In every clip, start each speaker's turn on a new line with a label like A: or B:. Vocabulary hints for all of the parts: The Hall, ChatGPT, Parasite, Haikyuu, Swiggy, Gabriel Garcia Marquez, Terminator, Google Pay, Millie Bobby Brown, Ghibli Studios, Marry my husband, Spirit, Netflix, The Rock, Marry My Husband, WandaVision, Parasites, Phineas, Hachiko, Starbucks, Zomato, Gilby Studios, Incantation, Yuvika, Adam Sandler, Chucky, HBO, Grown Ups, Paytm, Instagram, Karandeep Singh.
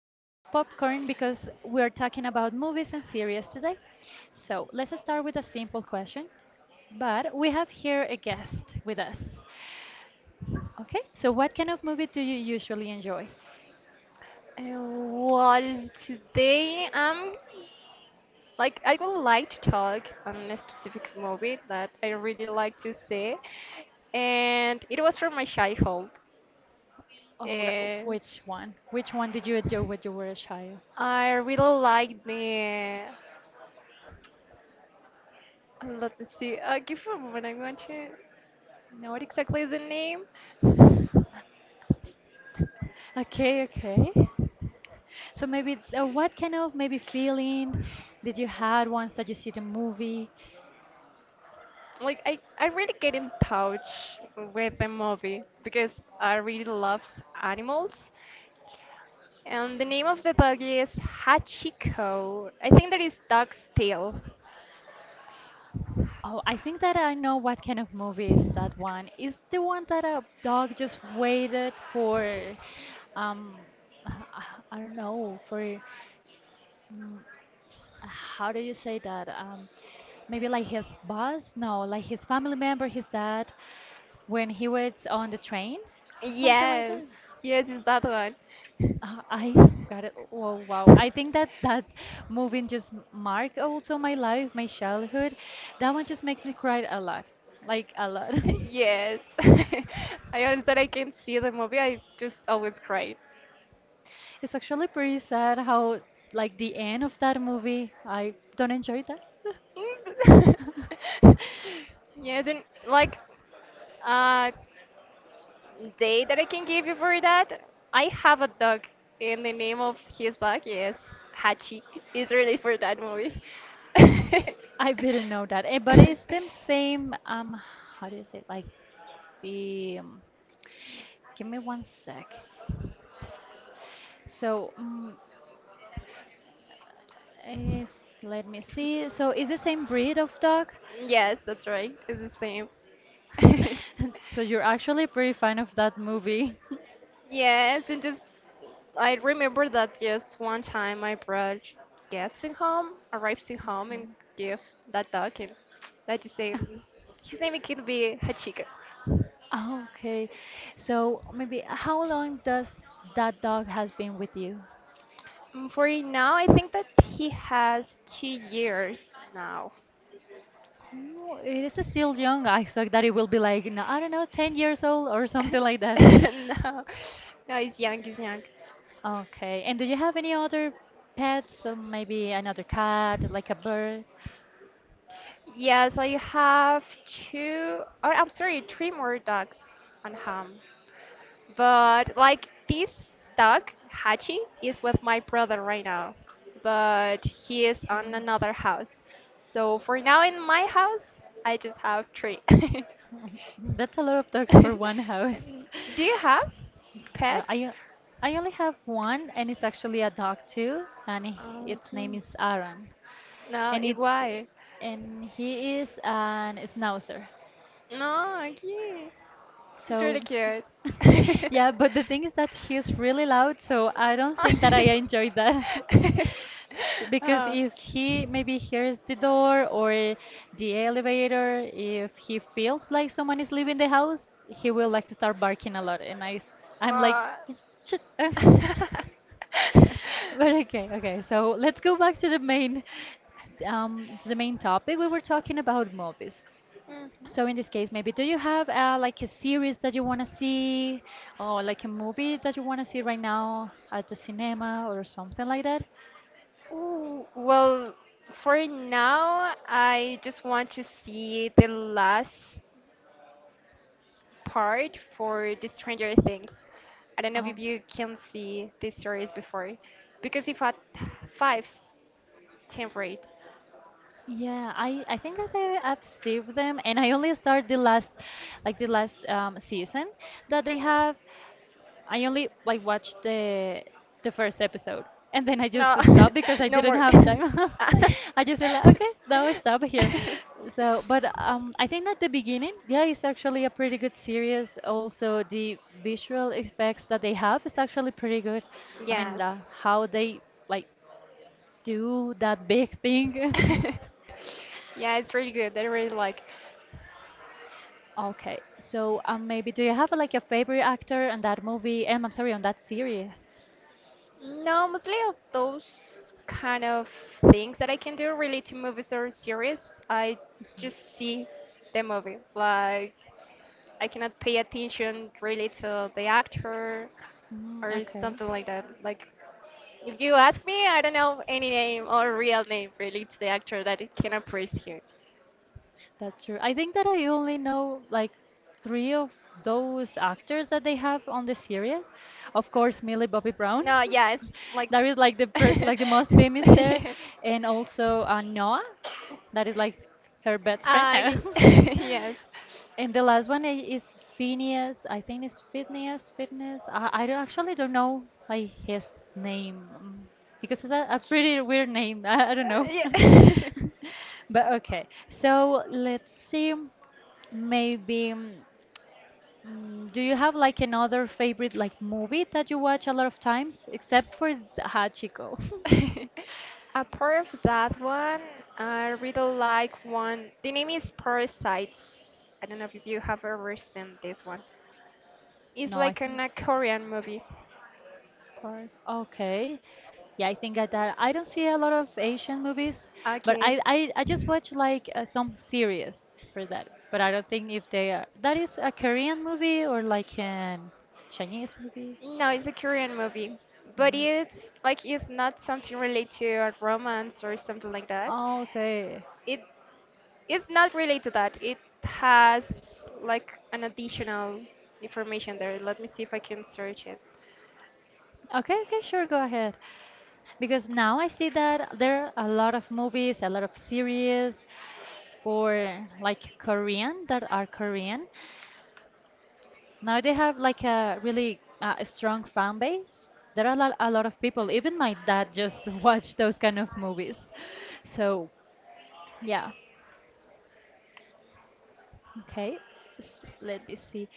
A: grab your popcorn because we're talking about movies and series today. So let's start with a simple question, but we have here a guest with us. Okay, so what kind of movie do you usually enjoy?
B: Well, today like I would like to talk on a specific movie that I really like to see, and it was from my childhood.
A: Oh,
B: Yes,
A: which one? Which one did you enjoy when you were a child?
B: I really like the. Let me see. Give me a moment. I'm going to know what exactly is the name.
A: Okay, okay. So maybe what kind of maybe feeling did you had once that you see the movie?
B: Like I really get in touch with the movie because I really loves animals. And the name of the dog is Hachiko. I think that is dog's tail.
A: Oh, I think that I know what kind of movie is that one. Is the one that a dog just waited for, um, uh, uh, I don't know, for, how do you say that? Maybe like his boss? No, like his family member, his dad, when he waits on the train, something like
B: Yes,
A: that.
B: yes, it's that one.
A: I got it. Oh, wow. I think that that movie just marked also my life, my childhood. That one just makes me cry a lot, like a lot.
B: Yes. I always thought I can see the movie. I just always cried.
A: It's actually pretty sad how, like, the end of that movie, I don't enjoy that.
B: Yes, and like uh, day that I can give you for that, I have a dog, and the name of his dog is Hachi. It's really for that movie.
A: I didn't know that. Eh, but it's the same, how do you say, like the, um, give me one sec. So, mm let me see. So is the same breed of dog?
B: Yes, that's right. It's the same.
A: So you're actually pretty fan of that movie.
B: Yes, and just I remember that just one time my brother gets in home, arrives in home, and give that dog, and that is his name. His name can be Hachika.
A: Okay. So maybe how long does that dog has been with you?
B: For now, I think that he has 2 years now.
A: Oh, it is still young. I thought that it will be like, no, I don't know, 10 years old or something like that.
B: No, no, he's young, he's young.
A: Okay. And do you have any other pets? Or maybe another cat, like a bird?
B: Yes, I have two, or I'm sorry, three more dogs on home. But like this dog, Hachi, is with my brother right now, but he is on another house. So for now, in my house, I just have three.
A: That's a lot of dogs for one
B: And
A: house.
B: do you have
A: Well,
B: pets?
A: I only have one, and it's actually a dog too, and
B: Oh,
A: its name
B: okay.
A: is Aaron,
B: No,
A: and it's
B: igual.
A: and he is an schnauzer.
B: No, aquí. It's really
A: So
B: cute.
A: yeah, but the thing is that he's really loud, so I don't think that I enjoy that. Because
B: Oh,
A: if
B: no.
A: he maybe hears the door or the elevator, if he feels like someone is leaving the house, he will like start barking a lot, and I'm like, shit. But okay, okay. So let's go back to the main topic. We were talking about movies.
B: Hmm.
A: So in this case, maybe do you have like a series that you want to see, or like a movie that you want to see right now at the cinema or something like that?
B: Ooh, well, for now, I just want to see the last part for the Stranger Things. I don't know
A: Oh,
B: if you can see this series before, because if at fives, ten.
A: yeah. I think that I've seen them, and I only started the last, like the last season that they have. I only like watched the first episode and then I just
B: No,
A: stopped because I
B: No
A: didn't
B: more.
A: have time. I just said like, okay, now I stop here. So, but I think at the beginning, yeah, it's actually a pretty good series. Also, the visual effects that they have is actually pretty good. I mean,
B: Yes.
A: the, how they like do that big thing.
B: Yeah, it's really good. I really like.
A: Okay, so maybe do you have like a favorite actor on that movie? I'm sorry, on that series.
B: No, mostly of those kind of things that I can do really to movies or series. I just see the movie. Like, I cannot pay attention really to the actor or
A: Okay.
B: something like that. Like, if you ask me, I don't know any name or real name really to the actor that I can appear here.
A: That's true. I think that I only know like three of those actors that they have on the series. Of course, Millie Bobby Brown.
B: No, yeah, it's like.
A: That is like the pr like the most famous there,
B: Yes.
A: and also Noah. That is like her best friend.
B: Uh, ye- yes.
A: And the last one is Phineas. I think it's Phineas. Phineas. I don't- actually don't know like his name because it's a pretty weird name. I don't know.
B: Yeah.
A: But okay. So let's see. Maybe, mm, do you have like another favorite like movie that you watch a lot of times, except for Hachiko?
B: Apart of that one, I really like one. The name is Parasites. I don't know if you have ever seen this one. It's
A: No, I
B: like
A: think
B: an, a Korean movie.
A: first. Okay. Yeah, I think that I don't see a lot of Asian movies, but
B: Okay.
A: I just watch like some series for that. But I don't think if they are that is a Korean movie or like an Chinese movie.
B: No, it's a Korean movie, but it's like it's not something related to a romance or something like that.
A: Oh, okay.
B: It it's not related to that. It has like an additional information there. Let me see if I can search it.
A: Okay, okay, sure, go ahead. Because now I see that there are a lot of movies, a lot of series. For like Korean that are Korean. Now they have like a really strong fan base. There are a lot of people. Even my dad just watch those kind of movies. So yeah, okay. Let me see.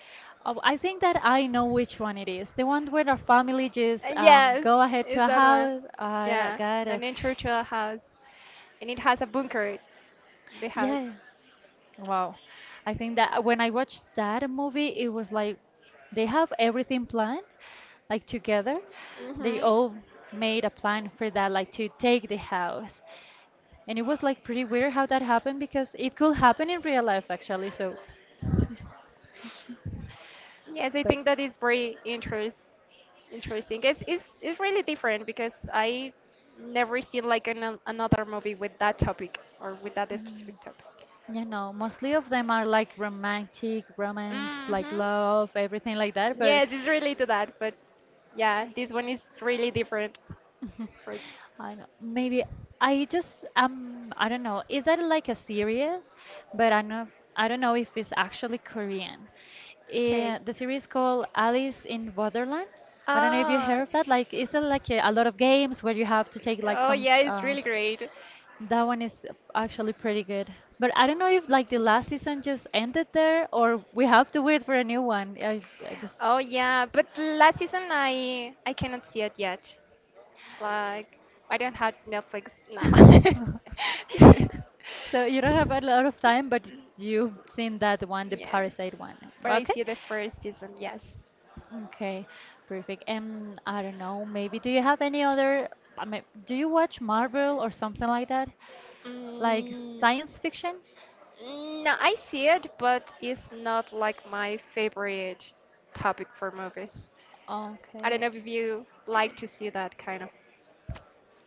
A: Oh, I think that I know which one it is. The one where our family just
B: Yes,
A: go ahead
B: is
A: to a
B: that one.
A: house. I
B: Yeah,
A: got
B: the
A: it.
B: nature trail house, and it has a bunker, the house.
A: Yeah. Wow. I think that when I watched that movie, it was like they have everything planned, like together. They
B: Hmm.
A: all made a plan for that, like to take the house. And it was like pretty weird how that happened because it could happen in real life actually. So,
B: Yes, I
A: but
B: think that is very interesting. It's really different because I never seen like an, another movie with that topic or with that
A: mm,
B: specific topic.
A: you know, mostly of them are like romantic, romance, like
B: Hmm.
A: love, everything like that. But
B: Yes, it's related to that, but yeah, this one is really different. For
A: I know. Maybe I just I don't know. Is that like a series? But I know I don't know if it's actually Korean.
B: okay.
A: Eh, the series called Alice in Borderland. I don't know if you heard
B: Oh,
A: of that. Like, is it like a lot of games where you have to take like
B: oh
A: some?
B: yeah, it's really great.
A: That one is actually pretty good. But I don't know if like the last season just ended there or we have to wait for a new one. I just
B: Oh yeah, but last season I cannot see it yet. Like I don't have Netflix now.
A: So you don't have a lot of time, but you've seen that one, the
B: Yes.
A: Parasite one.
B: But I
A: Okay.
B: see the first season, yes.
A: Okay. Perfect. And I don't know, maybe do you have any other, I mean, do you watch Marvel or something like that? Like
B: Mm,
A: science fiction?
B: no, I see it, but it's not like my favorite topic for movies. I don't know
A: Okay.
B: if you like to see that kind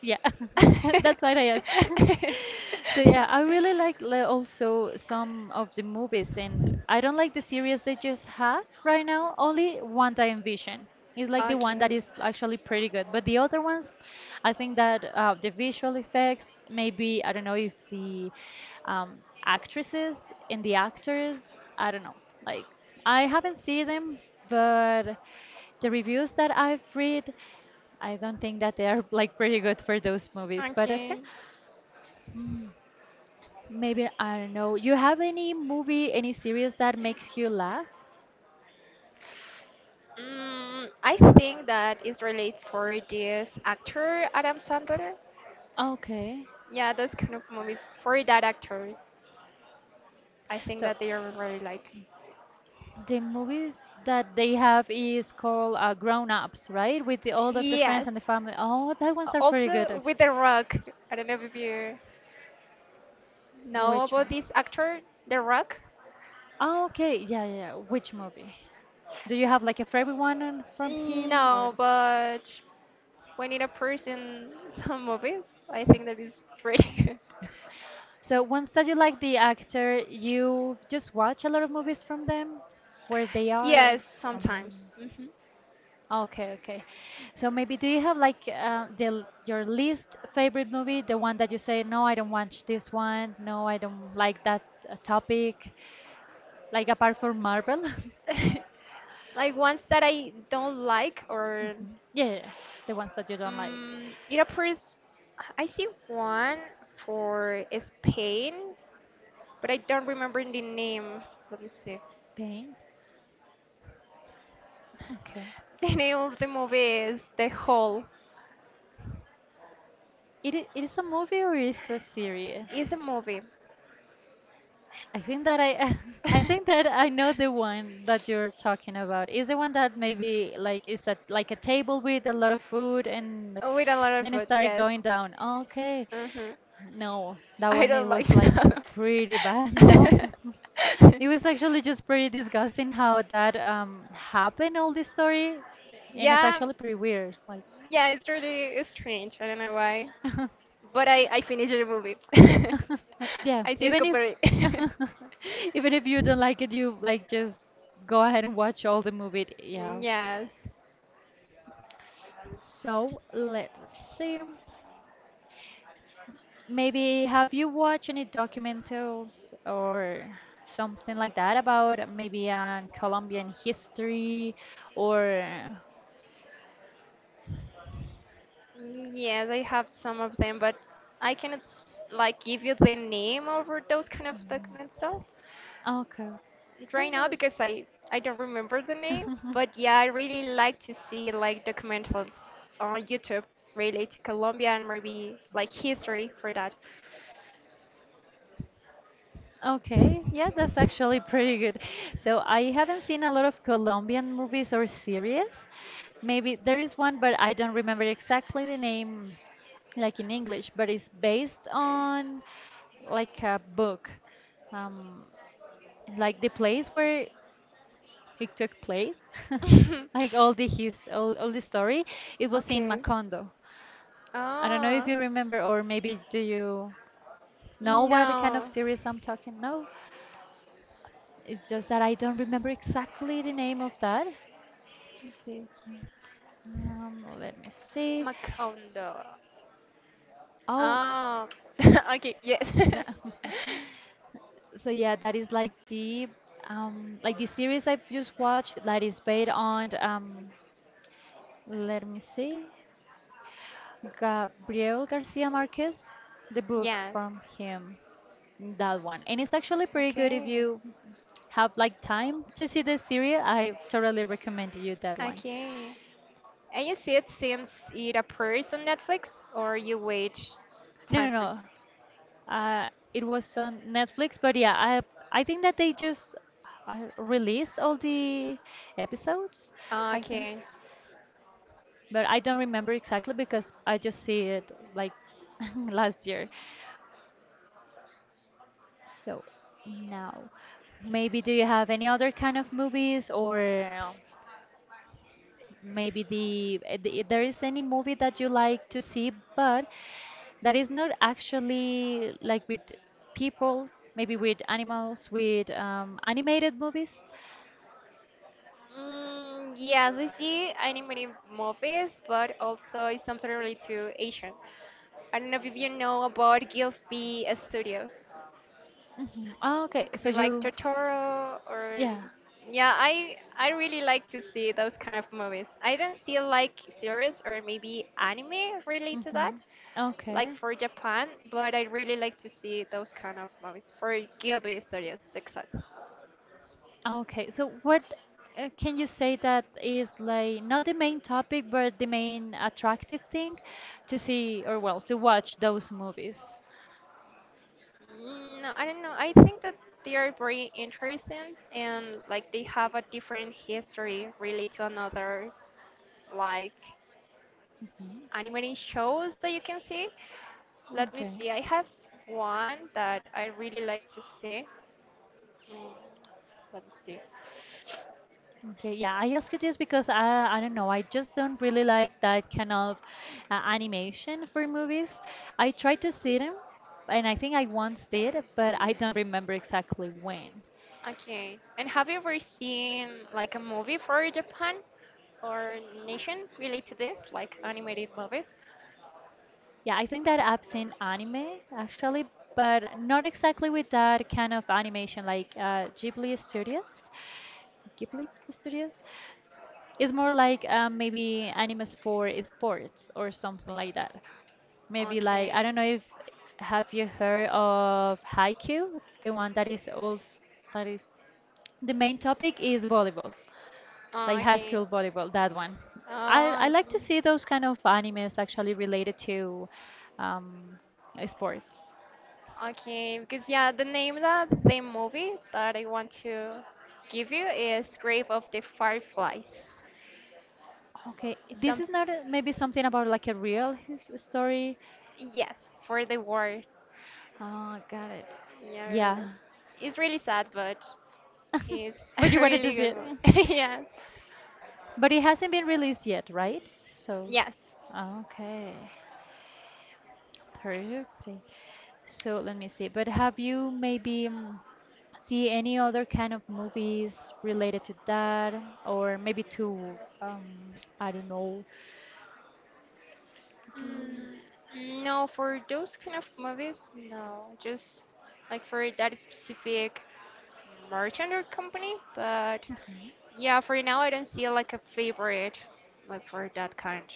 A: Yeah, that's why I ask. So
B: of.
A: yeah, I really like also some of the movies, and I don't like the series they just have right now. Only One Time Vision is like the one that
B: Okay.
A: is actually pretty good, but the other ones, I think that the visual effects, maybe I don't know if the um, actresses and the actors, I don't know. Like I haven't seen them, but the reviews that I've read. I don't think that they are like pretty good for those movies, but okay.
B: Okay.
A: Mm, Maybe I don't know. You have any movie, any series that makes you laugh?
B: I think that is related for this actor Adam Sandler.
A: Okay.
B: Yeah, those kind of movies for that actor, I think
A: So
B: that they are really like.
A: the movies that they have is called Grown Ups, right? With the all of the friends and the
B: Yes.
A: family. Oh, that
B: A-
A: ones are pretty good
B: Also
A: actually.
B: with The Rock. I don't know if you know
A: Which
B: about
A: one?
B: this actor, The Rock.
A: Oh, okay. Yeah, yeah, yeah. Which movie? Do you have like a favorite one on- from him or?
B: No, but when it appears in some movies, I think that is pretty good.
A: So once that you like the actor, you just watch a lot of movies from them, where they are.
B: Yes,
A: Um,
B: sometimes. Hmm.
A: okay, okay. So maybe do you have like your least favorite movie, the one that you say, no, I don't watch this one, no, I don't like that topic, like apart from Marvel?
B: Like ones that I don't like or
A: Mhm. Yeah, yeah, the ones that you don't like.
B: it appears. I see one for Spain, but I don't remember the name. Let me see.
A: Spain. Okay.
B: The name of the movie is The Hall.
A: It is a movie or is a series?
B: It's a movie.
A: I think that I
B: With
A: I think that I know the one that you're talking about. Is the one that maybe like is at like a table with a lot of food and
B: a lot of
A: then it
B: food.
A: started
B: Yes.
A: going down. Okay.
B: Uh-huh.
A: No, that
B: I
A: one it
B: don't like
A: was like
B: that.
A: pretty bad. No. It was actually just pretty disgusting how that happened all this story and it's
B: Yeah,
A: actually pretty weird. Like
B: yeah, it's really strange. I don't know why. But I finished the movie.
A: Yeah,
B: I see it
A: even if
B: completely.
A: even if you don't like it, you like just go ahead and watch all the movie. Yeah.
B: Yes.
A: So let's see. Maybe have you watched any documentaries or something like that about maybe Colombian history or
B: Yes, I have some of them, but I cannot s- like give you the name over those kind of documentals
A: okay.
B: right now because I don't remember the name. But yeah, I really like to see like documentals on YouTube related to Colombia and maybe like history for that.
A: Okay, yeah, that's actually pretty good. So I haven't seen a lot of Colombian movies or series. Maybe there is one, but I don't remember exactly the name, like in English, but it's based on like a book, um, like the place where it took place, like all the story. It was in
B: Okay.
A: Macondo. I don't know if
B: Oh,
A: you remember, or maybe do you know what kind of
B: no.
A: series I'm talking? No? It's just that I don't remember exactly the name of that.
B: Let's see.
A: Let me see.
B: Macondo.
A: Oh,
B: Oh, okay, yes.
A: no. So yeah, that is like the series I've just watched that is based on let me see Gabriel Garcia Marquez, the book
B: Yes.
A: from him, that one. And it's actually pretty good if
B: Okay.
A: you have like time to see the series. I totally recommend you that one.
B: Okay. And you see it since it appears on Netflix, or you wait
A: No,
B: time
A: no,
B: first?
A: no. It was on Netflix, but yeah, I think that they just release all the episodes, I think.
B: Okay.
A: But I don't remember exactly because I just see it like last year. So now, maybe do you have any other kind of movies, or maybe the there is any movie that you like to see, but that is not actually like with people, maybe with animals, with animated movies?
B: Yes, I see animated movies, but also it's something related to Asian. I don't know if you know about Gilby Studios.
A: Hmm. Oh, okay,
B: It could
A: so
B: be like
A: you,
B: Totoro or
A: yeah.
B: yeah, I really like to see those kind of movies. I don't see like series or maybe anime related to that,
A: Hmm.
B: like
A: Okay.
B: for Japan, but I really like to see those kind of movies for Gilby Studios, exactly.
A: Okay. So what can you say that is like not the main topic, but the main attractive thing to see, or well, to watch those movies?
B: No, I don't know. I think that they are very interesting and like they have a different history really to another. Like
A: Mhm.
B: animating shows that you can see. Let me
A: Okay.
B: see. I have one that I really like to see. Mm, Let me see.
A: Okay, yeah, I ask you this because I don't know, I just don't really like that kind of animation for movies. I tried to see them, and I think I once did, but I don't remember exactly when.
B: Okay. And have you ever seen like a movie for Japan or nation related to this, like animated movies?
A: Yeah, I think that I've seen anime actually, but not exactly with that kind of animation like Ghibli Studios. Ghibli Studios. It's more like maybe animes for sports or something like that. Maybe like
B: Okay.
A: I don't know if have you heard of Haikyuu? The one that is also that is the main topic is volleyball,
B: Ah,
A: like high
B: okay.
A: school volleyball. That one. I
B: Ah,
A: I like to
B: okay.
A: see those kind of animes actually related to um, sports.
B: Okay, because yeah, the name of the movie that I want to give you is Grave of the Fireflies.
A: Okay,
B: It's
A: this
B: some
A: is not a- maybe something about like a real his story.
B: yes, for the war.
A: Oh, got it.
B: Yeah, I really.
A: Yeah.
B: It's really sad, but it's
A: But
B: a
A: you wanted to
B: really
A: see
B: good
A: it.
B: movie. Yes.
A: But it hasn't been released yet, right? So,
B: Yes.
A: okay, perfect. So let me see. But have you maybe see any other kind of movies related to that, or maybe to I don't know. Mm.
B: No, for those kind of movies, no. Just like for that specific merchant or company, but yeah, for now I don't see like a favorite like for that kind.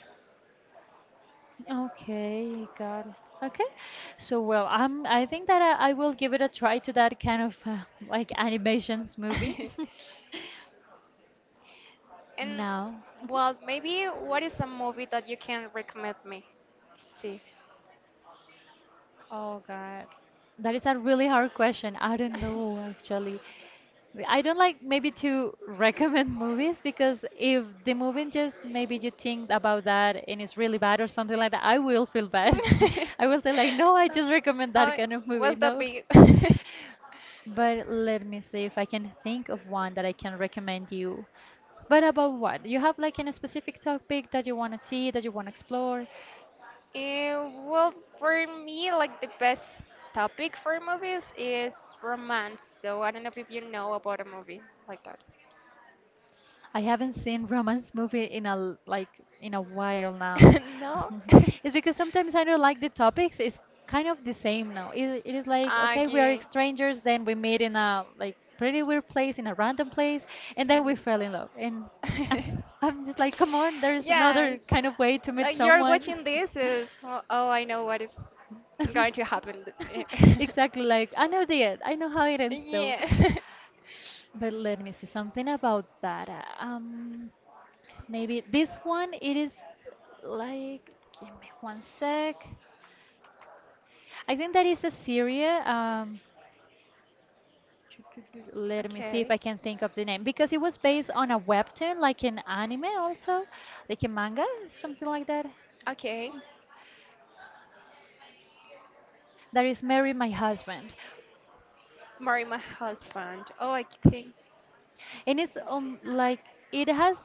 A: Okay, got it. Okay, so well, I'm. I think that I will give it a try to that kind of like animations movie
B: And
A: now.
B: well, maybe what is a movie that you can recommend me to see?
A: Oh God, that is a really hard question. I don't know actually. W- I don't like maybe to recommend movies, because if the movie just maybe you think about that and it's really bad or something like that, I will feel bad. I will say like, no, I just recommend that
B: Oh,
A: kind of movie.
B: was that
A: No.
B: big?
A: But let me see if I can think of one that I can recommend you. But about what? You have like a specific topic that you want to see, that you want to explore?
B: Eh, well, for me, like the best topic for movies is romance. So I don't know if you know about a movie like that.
A: I haven't seen romance movie in a l- like in a while now.
B: No?
A: It's because sometimes I don't like the topics. It's kind of the same now. It is like okay, we are
B: Okay.
A: strangers, then we meet in a like pretty weird place, in a random place, and then we fell in love. And I'm just like, come on, there's
B: Yes.
A: another kind of way to meet
B: Like you're
A: someone.
B: watching this is como, oh, I know what is going to happen.
A: Exactly like I know the end. I know how it ends though.
B: Yeah.
A: But let me see something about that. Maybe this one it is like give me one sec. I think that is a Syria. Let me see if
B: Okay.
A: I can think of the name, because it was based on a webtoon, like an anime also, like a manga, something like that.
B: Okay.
A: That is Marry My Husband.
B: Marry my husband. Oh, I think.
A: And it's like it has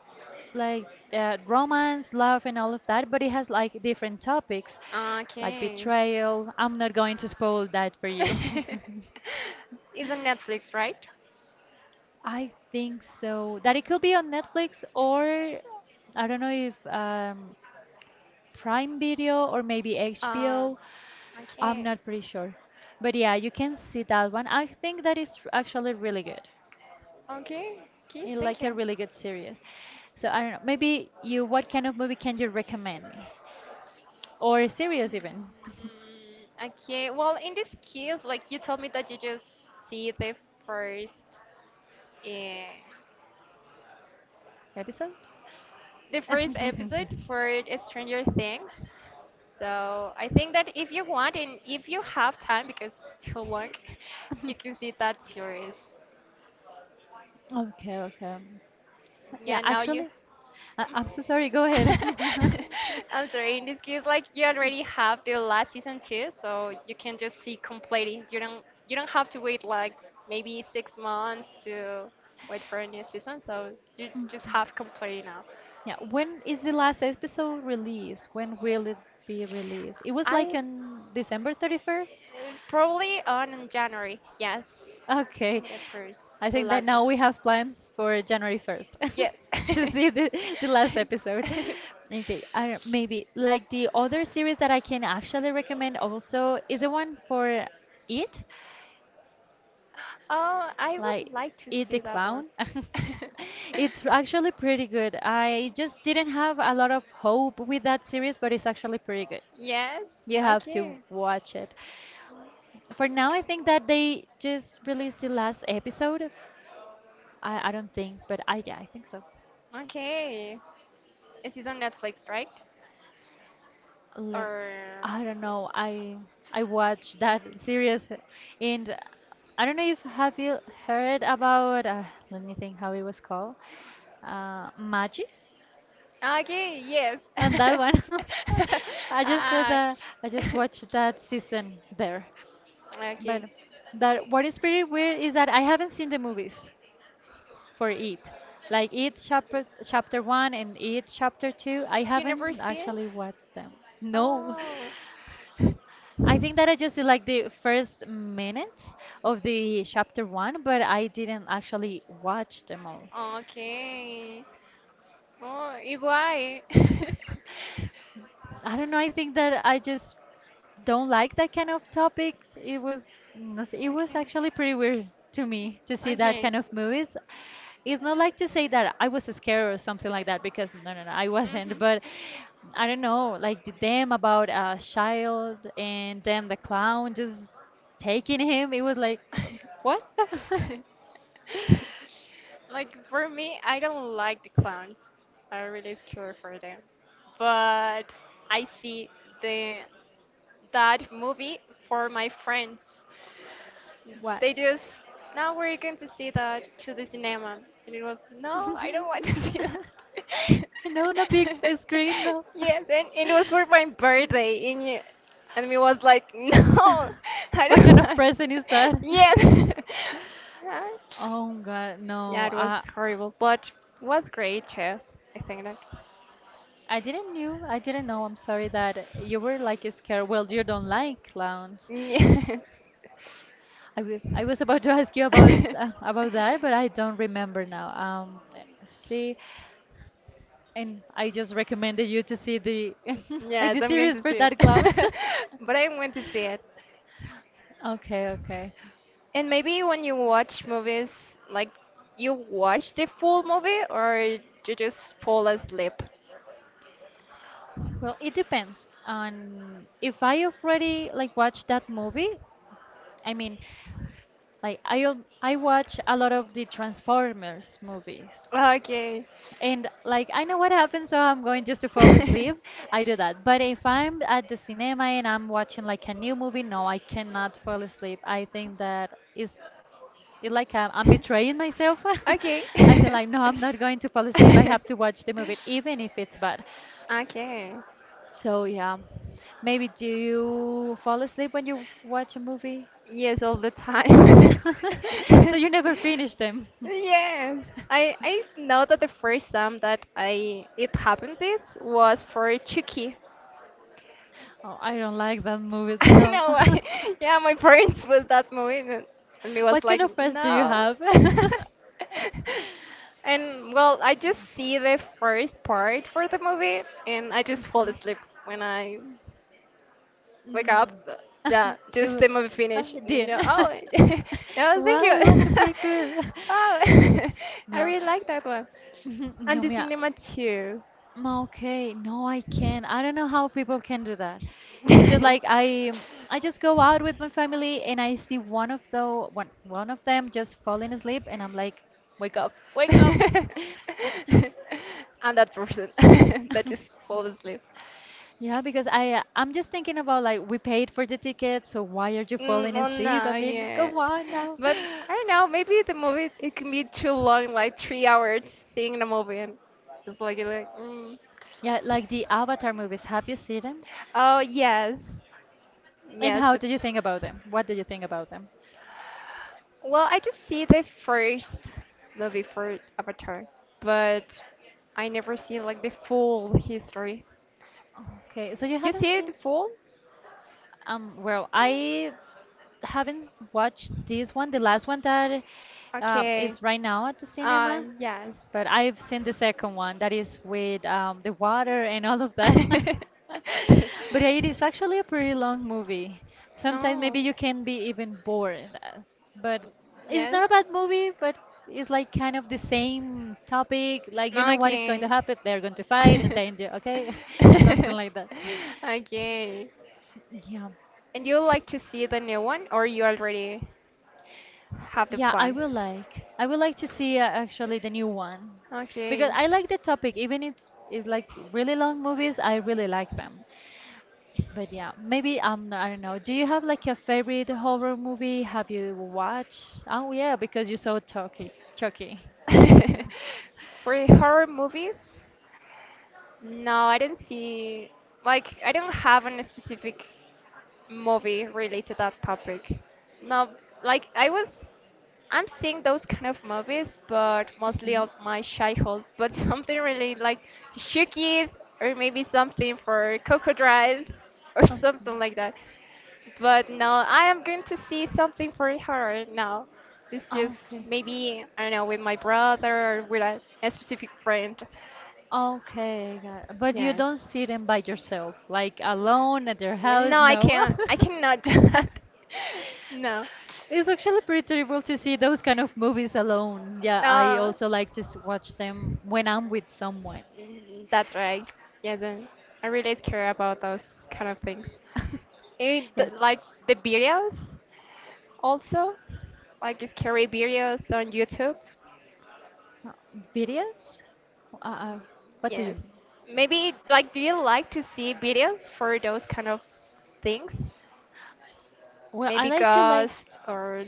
A: like romance, love, and all of that, but it has like different topics,
B: Ah,
A: like
B: okay.
A: betrayal. I'm not going to spoil that for you.
B: It's on Netflix, right?
A: I think so. That it could be on Netflix, or I don't know if Prime Video or maybe
B: Uh,
A: HBO. I'm
B: okay.
A: not pretty sure. But yeah, you can see that one. I think that is actually really good.
B: Okay. Okay,
A: You
B: thank
A: like
B: you.
A: a really good series. So I don't know. Maybe you. What kind of movie can you recommend me, or a series even
B: Okay. Well, in this case, like you told me that you just see the first, uh,
A: episode?
B: the first episode for Stranger Things. So I think that if you want and if you have time, because it's too long, you can see that series.
A: Okay, okay. Yeah,
B: Yeah, now you.
A: actually, I'm so sorry. Go ahead.
B: I'm sorry. In this case, like you already have the last season too, so you can just see completely. You don't have to wait like maybe 6 months to wait for a new season. So you just have completely now.
A: Yeah, when is the last episode released? When will it be released? It was like
B: I
A: on December 31st.
B: probably on January. Yes,
A: Okay.
B: it approves
A: I
B: the
A: think that
B: last one.
A: now we have plans for January 1st
B: Yes.
A: to see the last episode. Okay, I, maybe like the other series that I can actually recommend also is the one for It,
B: Oh, I would
A: like
B: like to
A: It the
B: see that one.
A: Clown. It's actually pretty good. I just didn't have a lot of hope with that series, but it's actually pretty good.
B: Yes.
A: You have to
B: Okay.
A: watch it. For now, I think that they just released the last episode, I don't think, but I yeah, I think so.
B: Okay. This is on Netflix, right?
A: Let,
B: Or
A: I don't know. I watched that series, and I don't know if have you heard about. Let me think how it was called. Magis,
B: okay, yes.
A: and that one. I just said
B: Ah.
A: that I just watched that season there, but
B: Okay.
A: that what is pretty weird is that I haven't seen the movies for it. Like it chapter chapter one and it chapter two. I
B: You never
A: haven't
B: see it?
A: actually watched them. No,
B: Oh.
A: I think that I just did like the first minutes of the chapter one, but I didn't actually watch them all.
B: Okay. Oh, igual.
A: I don't know. I think that I just don't like that kind of topics. It was no sé, it was
B: Okay.
A: actually pretty weird to me to see that
B: Okay.
A: kind of movies. It's not like to say that I was scared or something like that, because no no no I wasn't.
B: Mhm.
A: But I don't know, like the them about a child and then the clown just taking him. It was like what?
B: Like for me, I don't like the clowns. I'm really scared for them. But I see the that movie for my friends.
A: What?
B: They just, now we're going to see that to the cinema. And it was, no, I don't want to see that.
A: No, on a big screen, no.
B: Yes, and it was for my birthday. And, y- and we was like, no, I
A: What kind
B: don't
A: of
B: like.
A: present is that?
B: Yes. Yeah,
A: Oh God,
B: yeah,
A: no.
B: it was horrible, but was great too. I think that.
A: I didn't knew. I didn't know. I'm sorry that you were like scared. Well, you don't like clowns.
B: Yes.
A: I was about to ask you about that, but I don't remember now. Let's see. And I just recommended you to see the like
B: Yes,
A: the
B: I'm going
A: series
B: to
A: for
B: see
A: that clown.
B: it. But I'm going to see it.
A: Okay, okay.
B: And maybe when you watch movies, like you watch the full movie or you just fall asleep?
A: Well, it depends on if I already like watched that movie. I mean, like I al- I watch a lot of the Transformers movies.
B: Okay.
A: And like I know what happens, so I'm going just to fall asleep. I do that. But if I'm at the cinema and I'm watching like a new movie, no, I cannot fall asleep. I think that is it's like I'm betraying myself.
B: Okay.
A: I said like, no, I'm not going to fall asleep. I have to watch the movie, even if it's bad.
B: Okay.
A: So yeah, maybe do you fall asleep when you watch a movie?
B: Yes, all the time.
A: So you never finish them.
B: Yes, I know that the first time that I it happens it was for Chucky.
A: Oh, I don't like that
B: I
A: movie.
B: don't
A: No.
B: know why. Yeah, my parents was that movie and me was
A: What kind
B: like,
A: of friends do you
B: no.
A: have?
B: And well, I just see the first part for the movie and I just fall asleep when I wake up.
A: Mm.
B: Yeah,
A: It
B: just the
A: wa-
B: movie
A: ah,
B: finish.
A: Dean.
B: No, oh, no, thank
A: Wow, it was
B: you.
A: super cool.
B: Oh, I
A: No,
B: really like that one. And
A: no,
B: the
A: mira,
B: cinema too.
A: mm, okay, no, I can't. I don't know how people can do that. It's just like I just go out with my family and I see one of the one of them just falling asleep and I'm like, wake up, wake up.
B: I'm that person that just fall asleep.
A: Yeah, because I I'm just thinking about like we paid for the ticket, so why are you falling
B: Oh
A: asleep? I
B: no,
A: mean,
B: yes.
A: come on now.
B: But I don't know, maybe the movie it can be too long, like 3 hours seeing the movie and just like you're like mm.
A: Yeah, like the Avatar movies, have you seen them?
B: Oh yes.
A: And
B: Yes,
A: how
B: but
A: do you think about them? What do you think about them?
B: well I just see the first movie for Avatar, but I never see like the full history.
A: Okay, so you
B: You
A: haven't
B: see it
A: seen?
B: full?
A: Well, I haven't watched this one, the last one that
B: Okay.
A: is right now at the cinema,
B: Yes.
A: but I've seen the second one that is with the water and all of that. But it is actually a pretty long movie. Sometimes
B: No.
A: maybe you can be even bored, but it's
B: Yes.
A: not a bad movie, but it's like kind of the same topic. Like you
B: No,
A: know what is going to
B: okay.
A: happen, they're going to fight, and then you- okay, something like that.
B: Okay.
A: Yeah.
B: And you like to see the new one, or you already have the
A: Yeah, I
B: plan?
A: will like. I would like to see actually the new one, because
B: Okay.
A: I like the topic. Even it's like really long movies. I really like them. But yeah, maybe I don't know. Do you have like a favorite horror movie? Have you watched? Oh yeah, because you saw Chucky. Chucky.
B: For horror movies, no, I didn't see, like, I don't have a specific movie related to that topic. No, like, I was, I'm seeing those kind of movies, but mostly of my childhood, but something really like to show kids, or maybe something for crocodiles, or something like that. But no, I am going to see something for horror now. It's
A: Oh,
B: just
A: okay.
B: maybe, I don't know, with my brother or with a specific friend.
A: Okay, got it. But you
B: Yes.
A: don't see them by yourself, like alone at your
B: Yeah,
A: house.
B: no, I
A: No.
B: can't. I cannot do that. No.
A: It's actually pretty terrible to see those kind of movies alone. Yeah, I
B: No.
A: also like to s- watch them when I'm with someone.
B: Mm, that's right. Yes, and I really care about those kind of things. And
A: Yeah.
B: th like the videos also, like scary videos on YouTube.
A: Uh, Videos? Uh, uh, what do you
B: Yes.
A: mean?
B: Maybe like do you like to see videos for those kind of things?
A: Well, I
B: Maybe
A: like to like
B: ghost or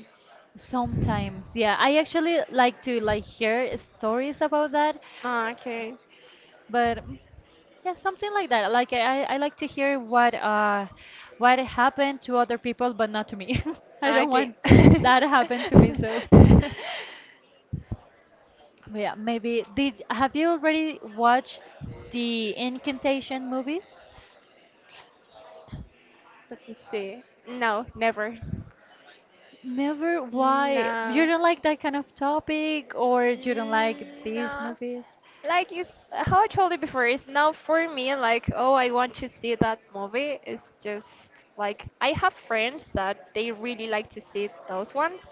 A: sometimes. Yeah, I actually like to like hear stories about that,
B: ah, okay.
A: but yeah, something like that. Like I like to hear what happened to other people, but not to me. I
B: Ah,
A: don't
B: okay.
A: want this that happen to me, so. But yeah, maybe did have you already watched the Incantation movies?
B: Let me see. No, never.
A: Never. Why? You
B: No.
A: don't like that kind of topic, or you don't like these
B: No.
A: movies?
B: Like it's how I told you before, it's not for me like, oh, I want to see that movie. It's just like I have friends that they really like to see those ones,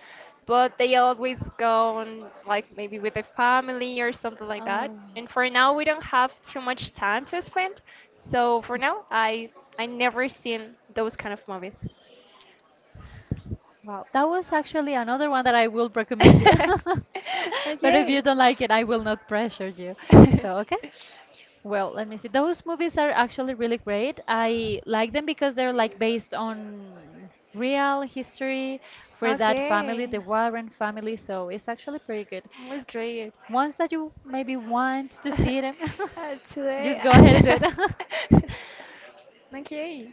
B: but they always go on like maybe with their family or something like that.
A: Oh,
B: And for now, we don't have too much time to spend. So for now, I never seen those kind of movies.
A: wow. That was actually another one that I will recommend you. But if you
B: Okay.
A: don't like it, I will not pressure you. So, okay. Well, let me see. Those movies are actually really great. I like them because they're like based on real history for that family,
B: Okay.
A: the Warren family, so it's actually pretty good.
B: Was great.
A: Ones that you maybe want to see them, just
B: Today.
A: go ahead and do it.
B: Okay.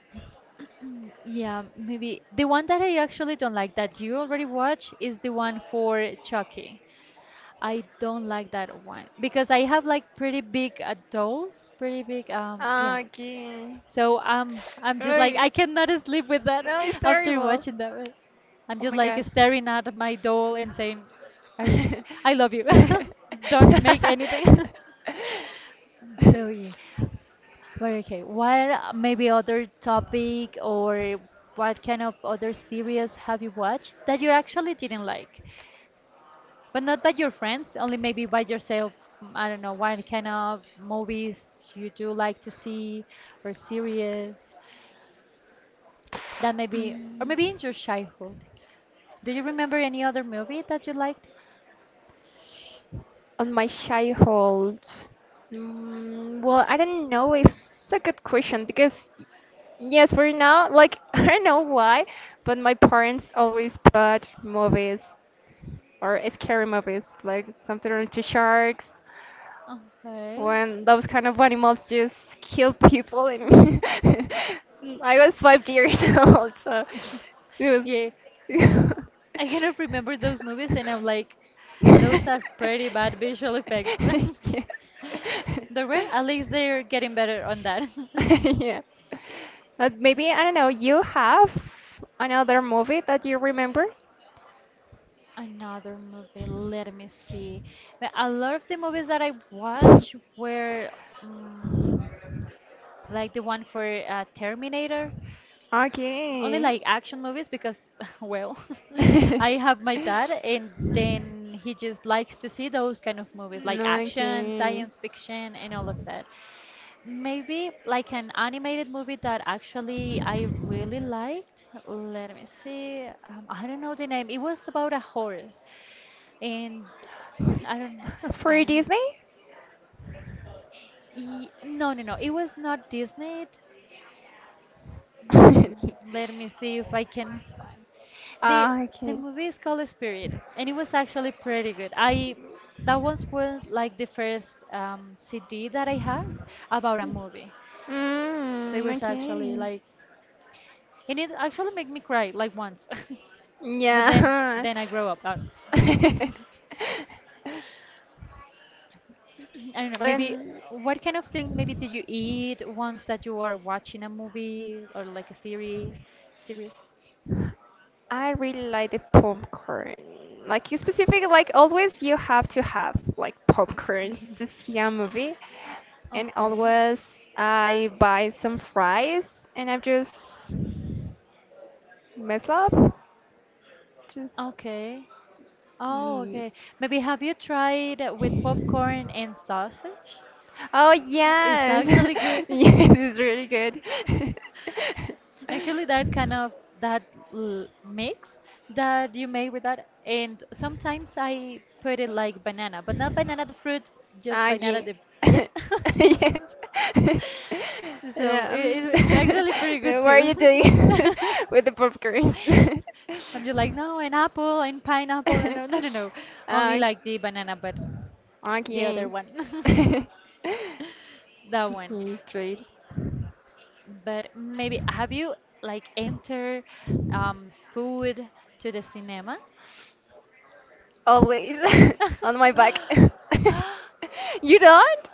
A: Yeah, maybe the one that I actually don't like that you already watch is the one for Chucky. I don't like that one because I have like pretty big adults, pretty big yeah,
B: Okay.
A: so I'm just like
B: Really?
A: I cannot sleep with that
B: No, it's
A: after
B: terrible.
A: watching that one. I'm
B: Oh
A: just
B: my
A: like
B: god.
A: staring at my doll and saying, I, I love you. Don't make anything. So yeah, but okay. What maybe other topic or what kind of other series have you watched that you actually didn't like, but not by your friends, only maybe by yourself? I don't know what kind of movies you do like to see or series, that maybe or maybe
B: Mm.
A: in your childhood do you remember any other movie that you liked?
B: On my childhood? Mm, well, I don't know if it's a good question because yes, for now, like I don't know why, but my parents always put movies or scary movies like something related to sharks
A: Okay,
B: when those kind of animals just kill people and I was 5 years old, so it was
A: yeah,
B: yes.
A: I cannot remember those movies and I'm like those are pretty bad visual effects. At least they're getting better on that.
B: yes. But maybe I don't know, you have another movie that you remember?
A: Another movie, let me see, but a lot of the movies that I watch were mm like the one for Terminator. Only
B: Okay.
A: like action movies because, well, I have my dad, and then he just likes to see those kind of movies, like action,
B: Okay.
A: science fiction, and all of that. Maybe like an animated movie that actually I really liked. Let me see. I don't know the name. It was about a horse, and I don't know. I
B: For
A: don't know.
B: Disney?
A: No, no, no. It was not Disney. Let me see if I can find. The
B: Ah,
A: the
B: okay.
A: movie is called Spirit, and it was actually pretty good. I that was like the first CD that I had about a movie, so it
B: Mm,
A: was actually
B: okay.
A: like, and it actually made me cry like once, but then
B: Yeah.
A: then I grow up. I don't know. Maybe
B: And
A: what kind of thing maybe did you eat once that you are watching a movie or like a series? Series.
B: I really like the popcorn. Like you specific, like always you have to have like popcorns to see a movie. And
A: Okay.
B: always I buy some fries and I just mess up. Just
A: Okay. Oh,
B: eat.
A: okay. Maybe have you tried with popcorn and sausage?
B: Oh
A: It's
B: yes,
A: actually good.
B: yes, it's really good.
A: Actually, that kind of that l mix that you make with that, and sometimes I put it like banana, but not banana the fruit, just
B: Ah,
A: banana
B: yeah.
A: the yeah.
B: Yes.
A: So
B: Yeah,
A: it's actually pretty good
B: no, what are
A: too.
B: you doing with the popcorn?
A: I'm just like no, an apple and pineapple and no, no, no, no, only
B: ¿A,
A: like the banana, but
B: a
A: the other
B: quién?
A: one.
B: He's
A: That one.
B: straight.
A: But maybe have you like enter food to the cinema?
B: Always on my back. You don't?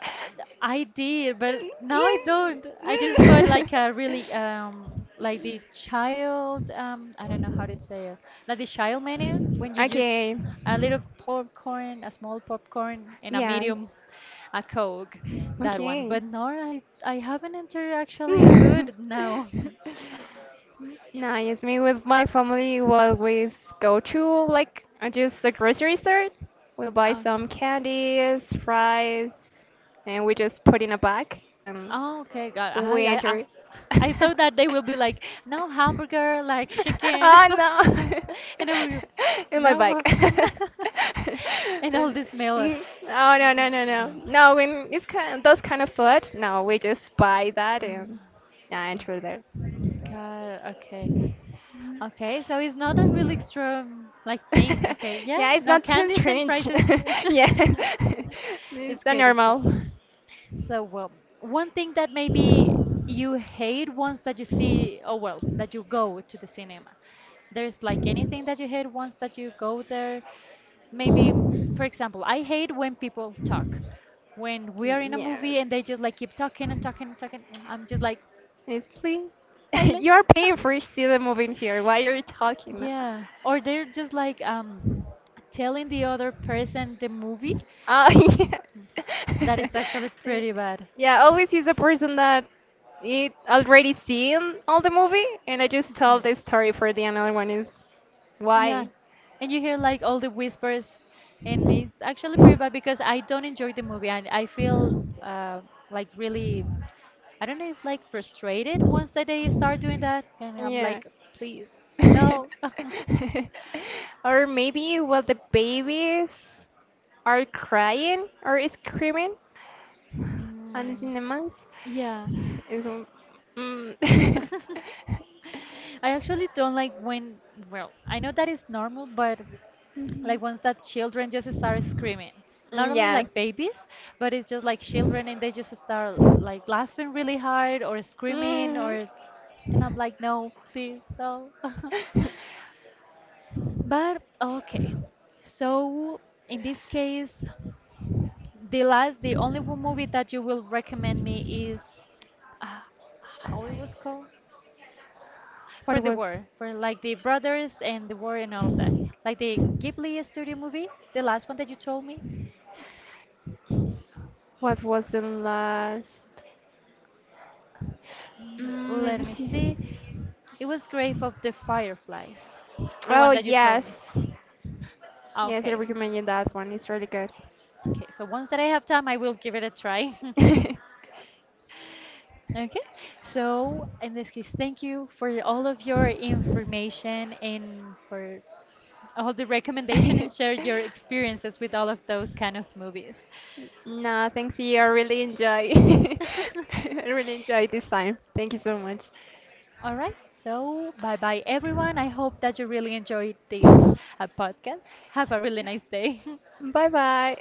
A: I did, but now I don't. I just bought like a really like the child I don't know how to say it. Like the child menu when you just
B: Okay.
A: a little popcorn, a small popcorn and a
B: Yes.
A: medium a Coke, that one.
B: Okay.
A: But no, I haven't entered actually food now.
B: Okay. Nice. Me with my family, we always go to like just the grocery store. We buy some candies, fries, and we just put in a bag and
A: Oh, okay, God.
B: we enter.
A: I thought that they will be like, no hamburger, like chicken,
B: Ah no,
A: and I will,
B: in my bike.
A: no, and all this meal.
B: Mm, oh no no no no no. When it's kind those kind of food, no, we just buy that
A: No.
B: and yeah, enter there.
A: God, okay, okay. So it's not a really extreme like thing. Okay, yeah.
B: Yeah, it's
A: No
B: not too
A: candies and
B: strange.
A: fries is.
B: Yeah, it's
A: It's
B: a
A: good. It's good.
B: normal.
A: So, well, one thing that maybe you hate once that you see, oh well, that you go to the cinema. There's like anything that you hate once that you go there. Maybe, for example, I hate when people talk. When we are in a
B: Yes,
A: movie and they just like keep talking and talking and talking, I'm just like,
B: it's.
A: please, silence.
B: You are paying for each see the movie here. Why are you talking?
A: Yeah, or they're just like telling the other person the movie
B: Ah, yes.
A: that is actually pretty bad.
B: Yeah, always is a person that it already seen all the movie, and I just tell the story for the another one is
A: Yeah,
B: why.
A: and you hear like all the whispers, and it's actually pretty bad because I don't enjoy the movie, and I feel uh, like really, I don't know if like frustrated once that they start doing that, and I'm
B: Yeah.
A: like, please, no.
B: Or maybe well the babies. Are crying or screaming on the
A: Mm.
B: cinemas.
A: Yeah.
B: It's,
A: I
B: mm.
A: actually don't like when, well, I know that is normal, but like ones that children just start screaming, not
B: Mm,
A: only
B: yes.
A: like babies, but it's just like children and they just start like laughing really hard or screaming
B: Mm.
A: or and I'm like no, please, no. But okay, so in this case, the only one movie that you will recommend me is uh, how it was called
B: What
A: for the
B: was
A: war for like the brothers and the war and all of that, like the Ghibli studio movie, the last one that you told me.
B: what was the last? Mm, let me
A: Let me see.
B: see.
A: It was Grave of the Fireflies, the
B: Oh
A: one that you told me.
B: yes.
A: Ah,
B: Yes, I
A: okay.
B: recommend you that one. It's really good.
A: Okay, so once that I have time, I will give it a try. Okay, so in this case, thank you for all of your information and for all the recommendation and share your experiences with all of those kind of movies.
B: No, thanks you. I really enjoy. I really enjoy this time. Thank you so much.
A: All right, so bye bye everyone. I hope that you really enjoyed
B: Bye
A: this podcast. Have a really nice day.
B: bye.